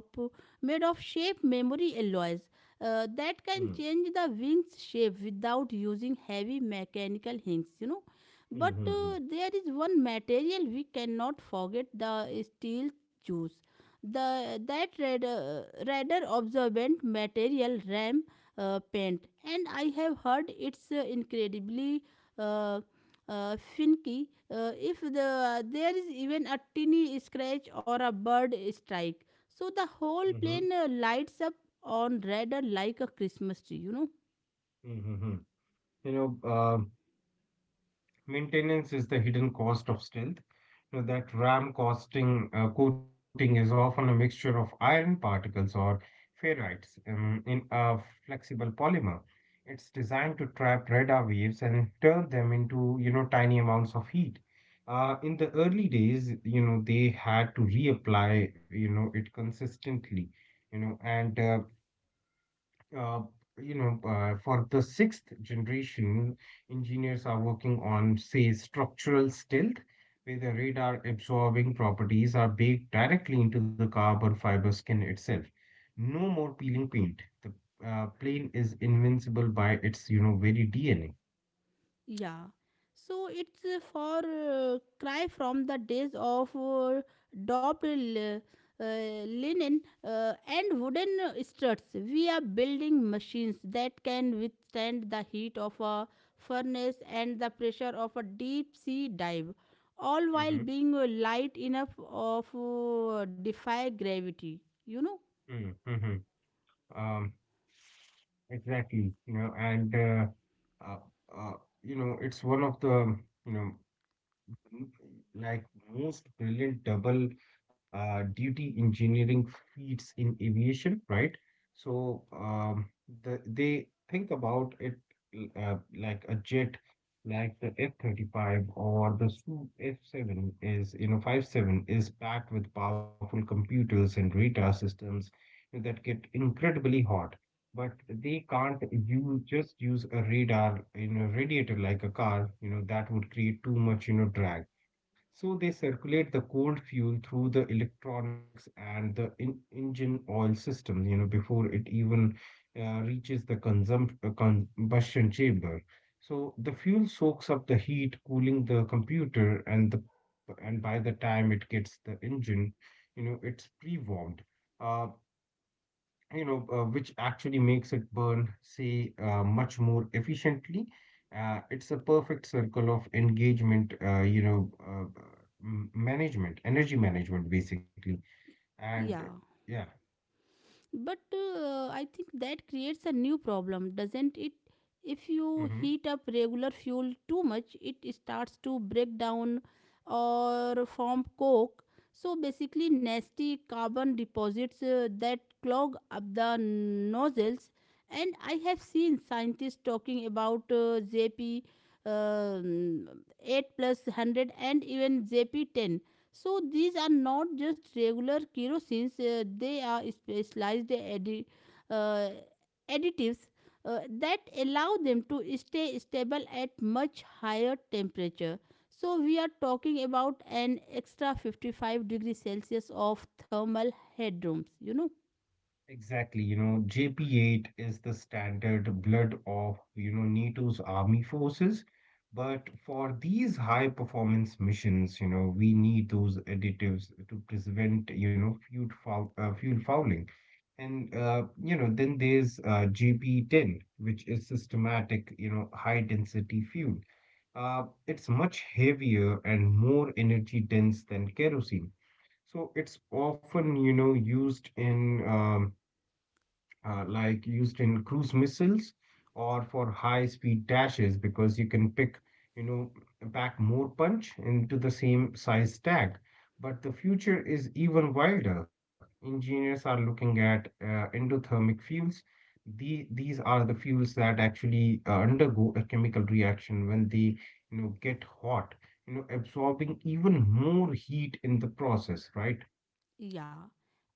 Speaker 1: shape memory alloys that can
Speaker 2: Mm-hmm.
Speaker 1: change the wings shape without using heavy mechanical hinges, you know. But
Speaker 2: Mm-hmm.
Speaker 1: there is one material we cannot forget: the steel juice, the that red, radar absorbent material, RAM paint, and I have heard it's incredibly uh, finicky. If there is even a tiny scratch or a bird strike, so the whole plane lights up on red like a Christmas tree, you know.
Speaker 2: Mm-hmm. You know, uh, Maintenance is the hidden cost of stealth. You know, that RAM costing coating is often a mixture of iron particles or ferrites, in a flexible polymer. It's designed to trap radar waves and turn them into, you know, tiny amounts of heat. In the early days, you know, they had to reapply, you know, it consistently, you know, and uh, uh, for the sixth generation, engineers are working on, say, structural stealth, where the radar absorbing properties are baked directly into the carbon fiber skin itself. No more peeling paint. The plane is invincible by its, you know, very DNA.
Speaker 1: Yeah. So it's for cry from the days of daubed linen and wooden struts. We are building machines that can withstand the heat of a furnace and the pressure of a deep sea dive, all while
Speaker 2: Mm-hmm.
Speaker 1: being light enough of defy gravity. You know?
Speaker 2: Mm-hmm. Mm-hmm. Um, exactly. Uh, uh, you know, it's one of the, you know, like most brilliant double duty engineering feats in aviation, right? So they think about it like a jet, like the F-35 or the Su F-7 is, you know, 5-7 is packed with powerful computers and radar systems that get incredibly hot. But they can't use just use a radar in a radiator like a car, you know, that would create too much, you know, drag. So they circulate the cold fuel through the electronics and the in engine oil system, you know, before it even reaches the consum combustion chamber. So the fuel soaks up the heat, cooling the computer, and the and by the time it gets the engine, you know, it's pre-warmed. Uh, which actually makes it burn, say, much more efficiently. It's a perfect circle of engagement, management, energy management, basically. And
Speaker 1: Yeah,
Speaker 2: yeah,
Speaker 1: but I think that creates a new problem, doesn't it? If you
Speaker 2: hmm
Speaker 1: heat up regular fuel too much, it starts to break down or form coke, so basically nasty carbon deposits that clog up the nozzles. And I have seen scientists talking about JP um, 8 plus 100 and even JP 10. So these are not just regular kerosines, they are specialized uh, additives that allow them to stay stable at much higher temperature. So we are talking about an extra 55-degree Celsius of thermal headrooms, you know.
Speaker 2: Exactly. You know, JP8 is the standard blood of, you know, NATO's army forces. But for these high performance missions, you know, we need those additives to prevent, you know, fuel fouling. And You know, then there's GP10, which is systematic, you know, high density fuel. It's much heavier and more energy dense than kerosene. So it's often, you know, used in used in cruise missiles or for high speed dashes because you can pick you know back more punch into the same size tag. But the future is even wilder. Engineers are looking at endothermic fuels. The, these are the fuels that actually undergo a chemical reaction when they you know get hot, you know, absorbing even more heat in the process, right?
Speaker 1: Yeah,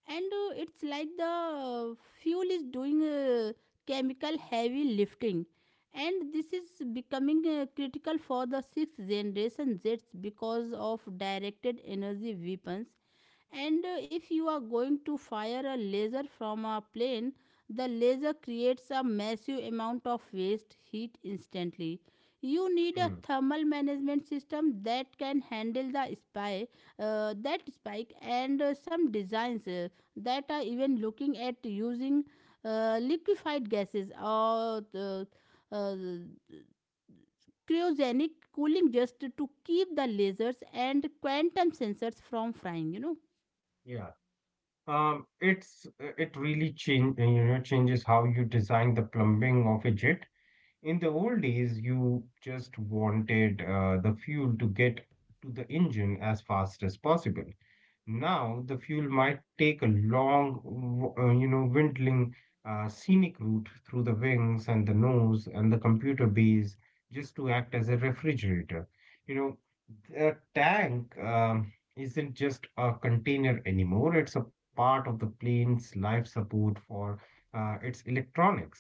Speaker 1: and it's like the fuel is doing chemical heavy lifting, and this is becoming critical for the sixth generation Jets because of directed energy weapons. And if you are going to fire a laser from a plane, the laser creates a massive amount of waste heat instantly. You need a
Speaker 2: Hmm.
Speaker 1: thermal management system that can handle the spy that spike. And some designs that are even looking at using liquefied gases or the uh, cryogenic cooling just to keep the lasers and quantum sensors from frying, you know.
Speaker 2: Um, it's it really change you know changes how you design the plumbing of a jet. In the old days, you just wanted the fuel to get to the engine as fast as possible. Now, the fuel might take a long, you know, windling, scenic route through the wings and the nose and the computer bays just to act as a refrigerator. You know, the tank isn't just a container anymore, it's a part of the plane's life support for its electronics.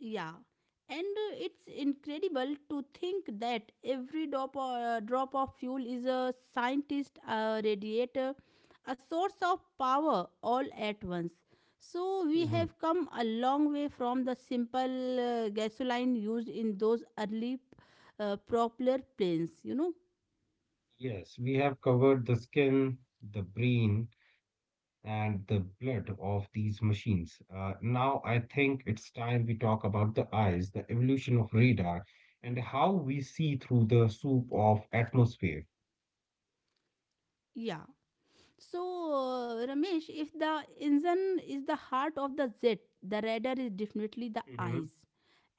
Speaker 1: Yeah, and it's incredible to think that every drop of fuel is a scientist, a radiator, a source of power all at once. So we have come a long way from the simple gasoline used in those early propeller planes, you know.
Speaker 2: Yes, we have covered the skin, the brain, and the blood of these machines. Now I think it's time we talk about the eyes, the evolution of radar, and how we see through the soup of atmosphere.
Speaker 1: Yeah. So, Ramesh, if the engine is the heart of the jet, the radar is definitely the
Speaker 2: Mm-hmm.
Speaker 1: eyes.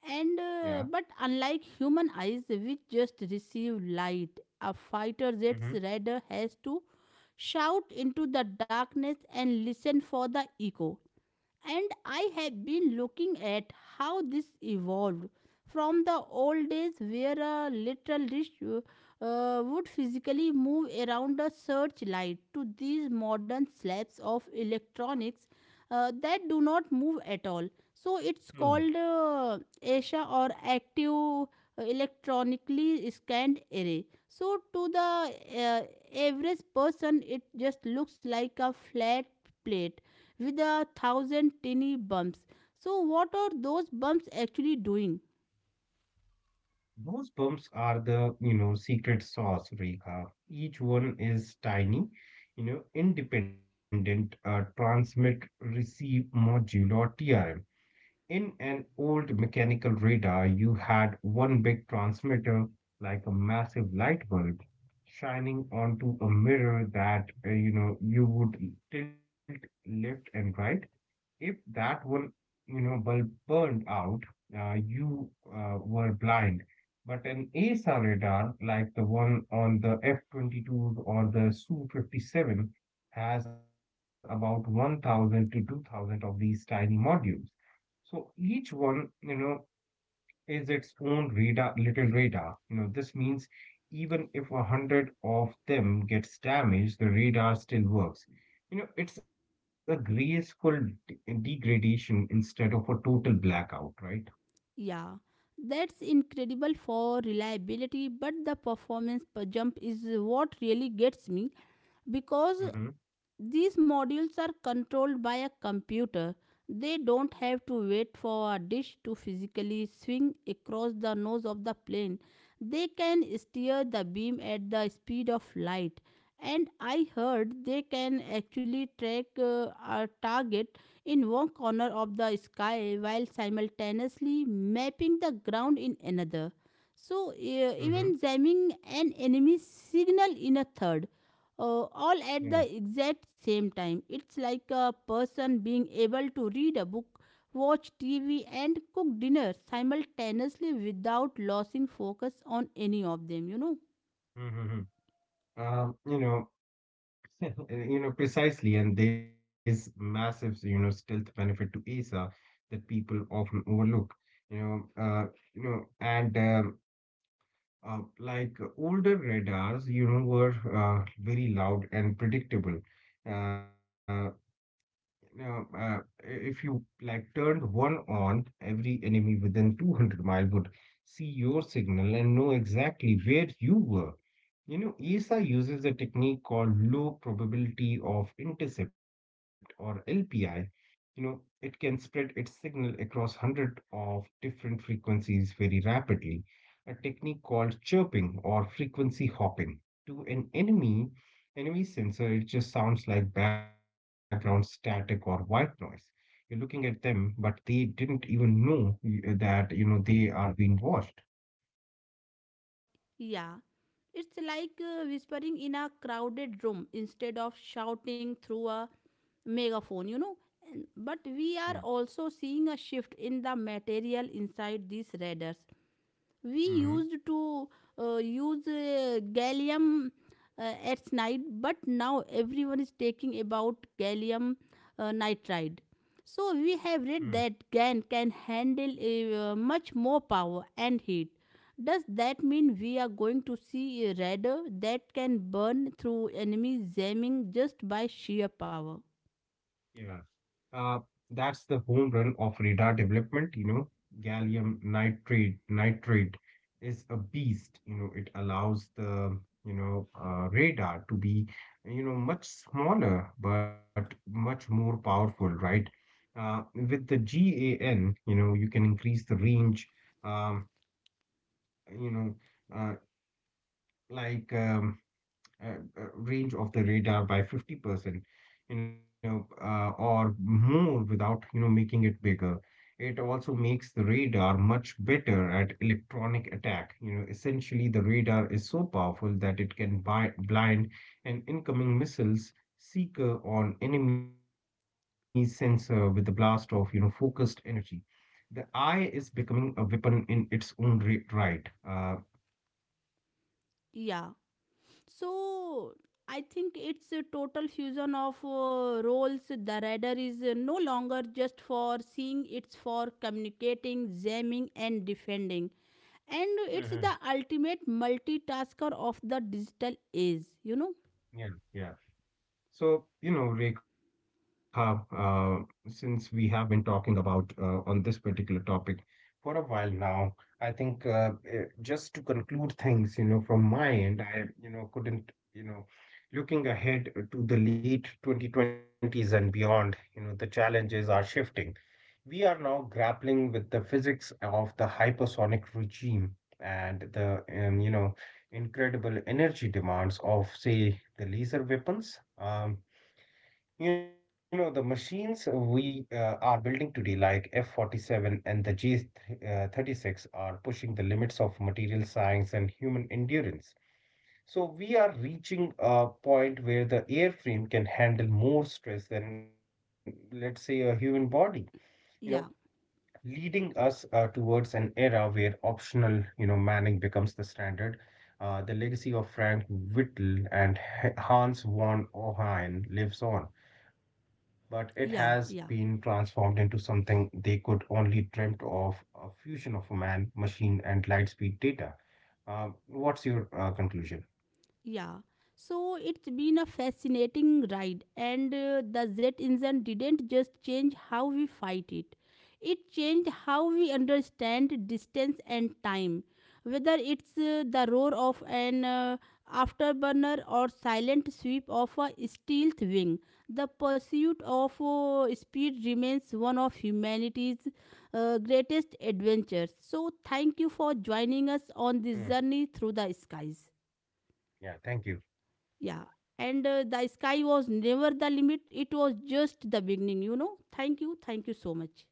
Speaker 1: And
Speaker 2: Yeah.
Speaker 1: but unlike human eyes, which just receive light, a fighter jet's
Speaker 2: Mm-hmm.
Speaker 1: radar has to shout into the darkness and listen for the echo. And I have been looking at how this evolved from the old days where a literal dish would physically move around a searchlight to these modern slabs of electronics that do not move at all. So it's
Speaker 2: Hmm.
Speaker 1: called ASHA, or active electronically scanned array. So to the average person, it just looks like a flat plate with a thousand tiny bumps. So, what are those bumps actually doing?
Speaker 2: Those bumps are the, you know, secret sauce, Rekha. Each one is tiny, you know, independent transmit receive module or TRM. In an old mechanical radar, you had one big transmitter, like a massive light bulb, shining onto a mirror that, you know, you would tilt left and right. If that were, you know, bulb burned out, you were blind. But an ASA radar, like the one on the F-22 or the Su-57, has about 1,000 to 2,000 of these tiny modules. So each one, you know, is its own radar, little radar. You know, this means even if a hundred of them gets damaged, the radar still works. You know, it's a graceful degradation instead of a total blackout, right?
Speaker 1: Yeah, that's incredible for reliability, but the performance per jump is what really gets me, because
Speaker 2: Mm-hmm.
Speaker 1: these modules are controlled by a computer. They don't have to wait for a dish to physically swing across the nose of the plane. They can steer the beam at the speed of light. And I heard they can actually track a target in one corner of the sky while simultaneously mapping the ground in another. So,
Speaker 2: Mm-hmm.
Speaker 1: even jamming an enemy signal in a third, all at the
Speaker 2: Yeah.
Speaker 1: exact same time. It's like a person being able to read a book, watch TV, and cook dinner simultaneously without losing focus on any of them, you know?
Speaker 2: Mm-hmm. Um, you know, you know precisely, and there's massive, you know, stealth benefit to ESA that people often overlook. You know, uh, you know, and Like older radars, you know, were very loud and predictable. Uh, now, uh, if you like turned one on, every enemy within 200-mile would see your signal and know exactly where you were. You know, ESA uses a technique called low probability of intercept or LPI. You know, it can spread its signal across hundreds of different frequencies very rapidly, a technique called chirping or frequency hopping. To an enemy sensor, it just sounds like background static or white noise. You're looking at them, but they didn't even know that, you know, they are being watched.
Speaker 1: Yeah. It's like whispering in a crowded room instead of shouting through a megaphone, you know? And but
Speaker 2: Yeah.
Speaker 1: we are also seeing a shift in the material inside these radars. We
Speaker 2: Mm-hmm.
Speaker 1: used to use gallium at night, but now everyone is taking about gallium nitride. So we have read
Speaker 2: Mm.
Speaker 1: that GaN can handle much more power and heat. Does that mean we are going to see a radar that can burn through enemy jamming just by sheer power?
Speaker 2: Yeah. Uh, that's the home run of radar development, you know. Gallium nitrate is a beast, you know. It allows the, you know, radar to be, you know, much smaller but much more powerful, right? With the GAN, you know, you can increase the range, um, you know, uh, like um, uh, range of the radar by 50%, you know, or more without, you know, making it bigger. It also makes the radar much better at electronic attack. You know, essentially, the radar is so powerful that it can blind an incoming missile's seeker on enemy sensor with a blast of, you know, focused energy. The eye is becoming a weapon in its own right.
Speaker 1: Yeah. So I think it's a total fusion of roles. The radar is no longer just for seeing; it's for communicating, jamming, and defending. And it's
Speaker 2: Hmm
Speaker 1: the ultimate multitasker of the digital age, you know?
Speaker 2: Yeah. Yeah. So, you know, Rekha, since we have been talking about on this particular topic for a while now, I think just to conclude things, you know, from my end, I, you know, couldn't, you know, looking ahead to the late 2020s and beyond, you know, the challenges are shifting. We are now grappling with the physics of the hypersonic regime and the, you know, incredible energy demands of, say, the laser weapons. You know, the machines we are building today, like F-47 and the J-36, are pushing the limits of material science and human endurance. So we are reaching a point where the airframe can handle more stress than, let's say, a human body. You know,
Speaker 1: Yeah,
Speaker 2: leading us towards an era where optional, you know, Manning becomes the standard. The legacy of Frank Whittle and Hans von Ohlen lives on, but it has
Speaker 1: yeah,
Speaker 2: been
Speaker 1: yeah.
Speaker 2: transformed into something they could only dreamt of, a fusion of man, machine, and lightspeed data. What's your conclusion?
Speaker 1: Yeah. So it's been a fascinating ride, and the jet engine didn't just change how we fight it, it changed how we understand distance and time. Whether it's the roar of an afterburner or silent sweep of a stealth wing, the pursuit of speed remains one of humanity's greatest adventures. So, thank you for joining us
Speaker 2: Mm,
Speaker 1: on this journey through the skies.
Speaker 2: yeah, thank you.
Speaker 1: Yeah. And the sky was never the limit, it was just the beginning, you know. Thank you. Thank you
Speaker 2: Yeah.
Speaker 1: so much.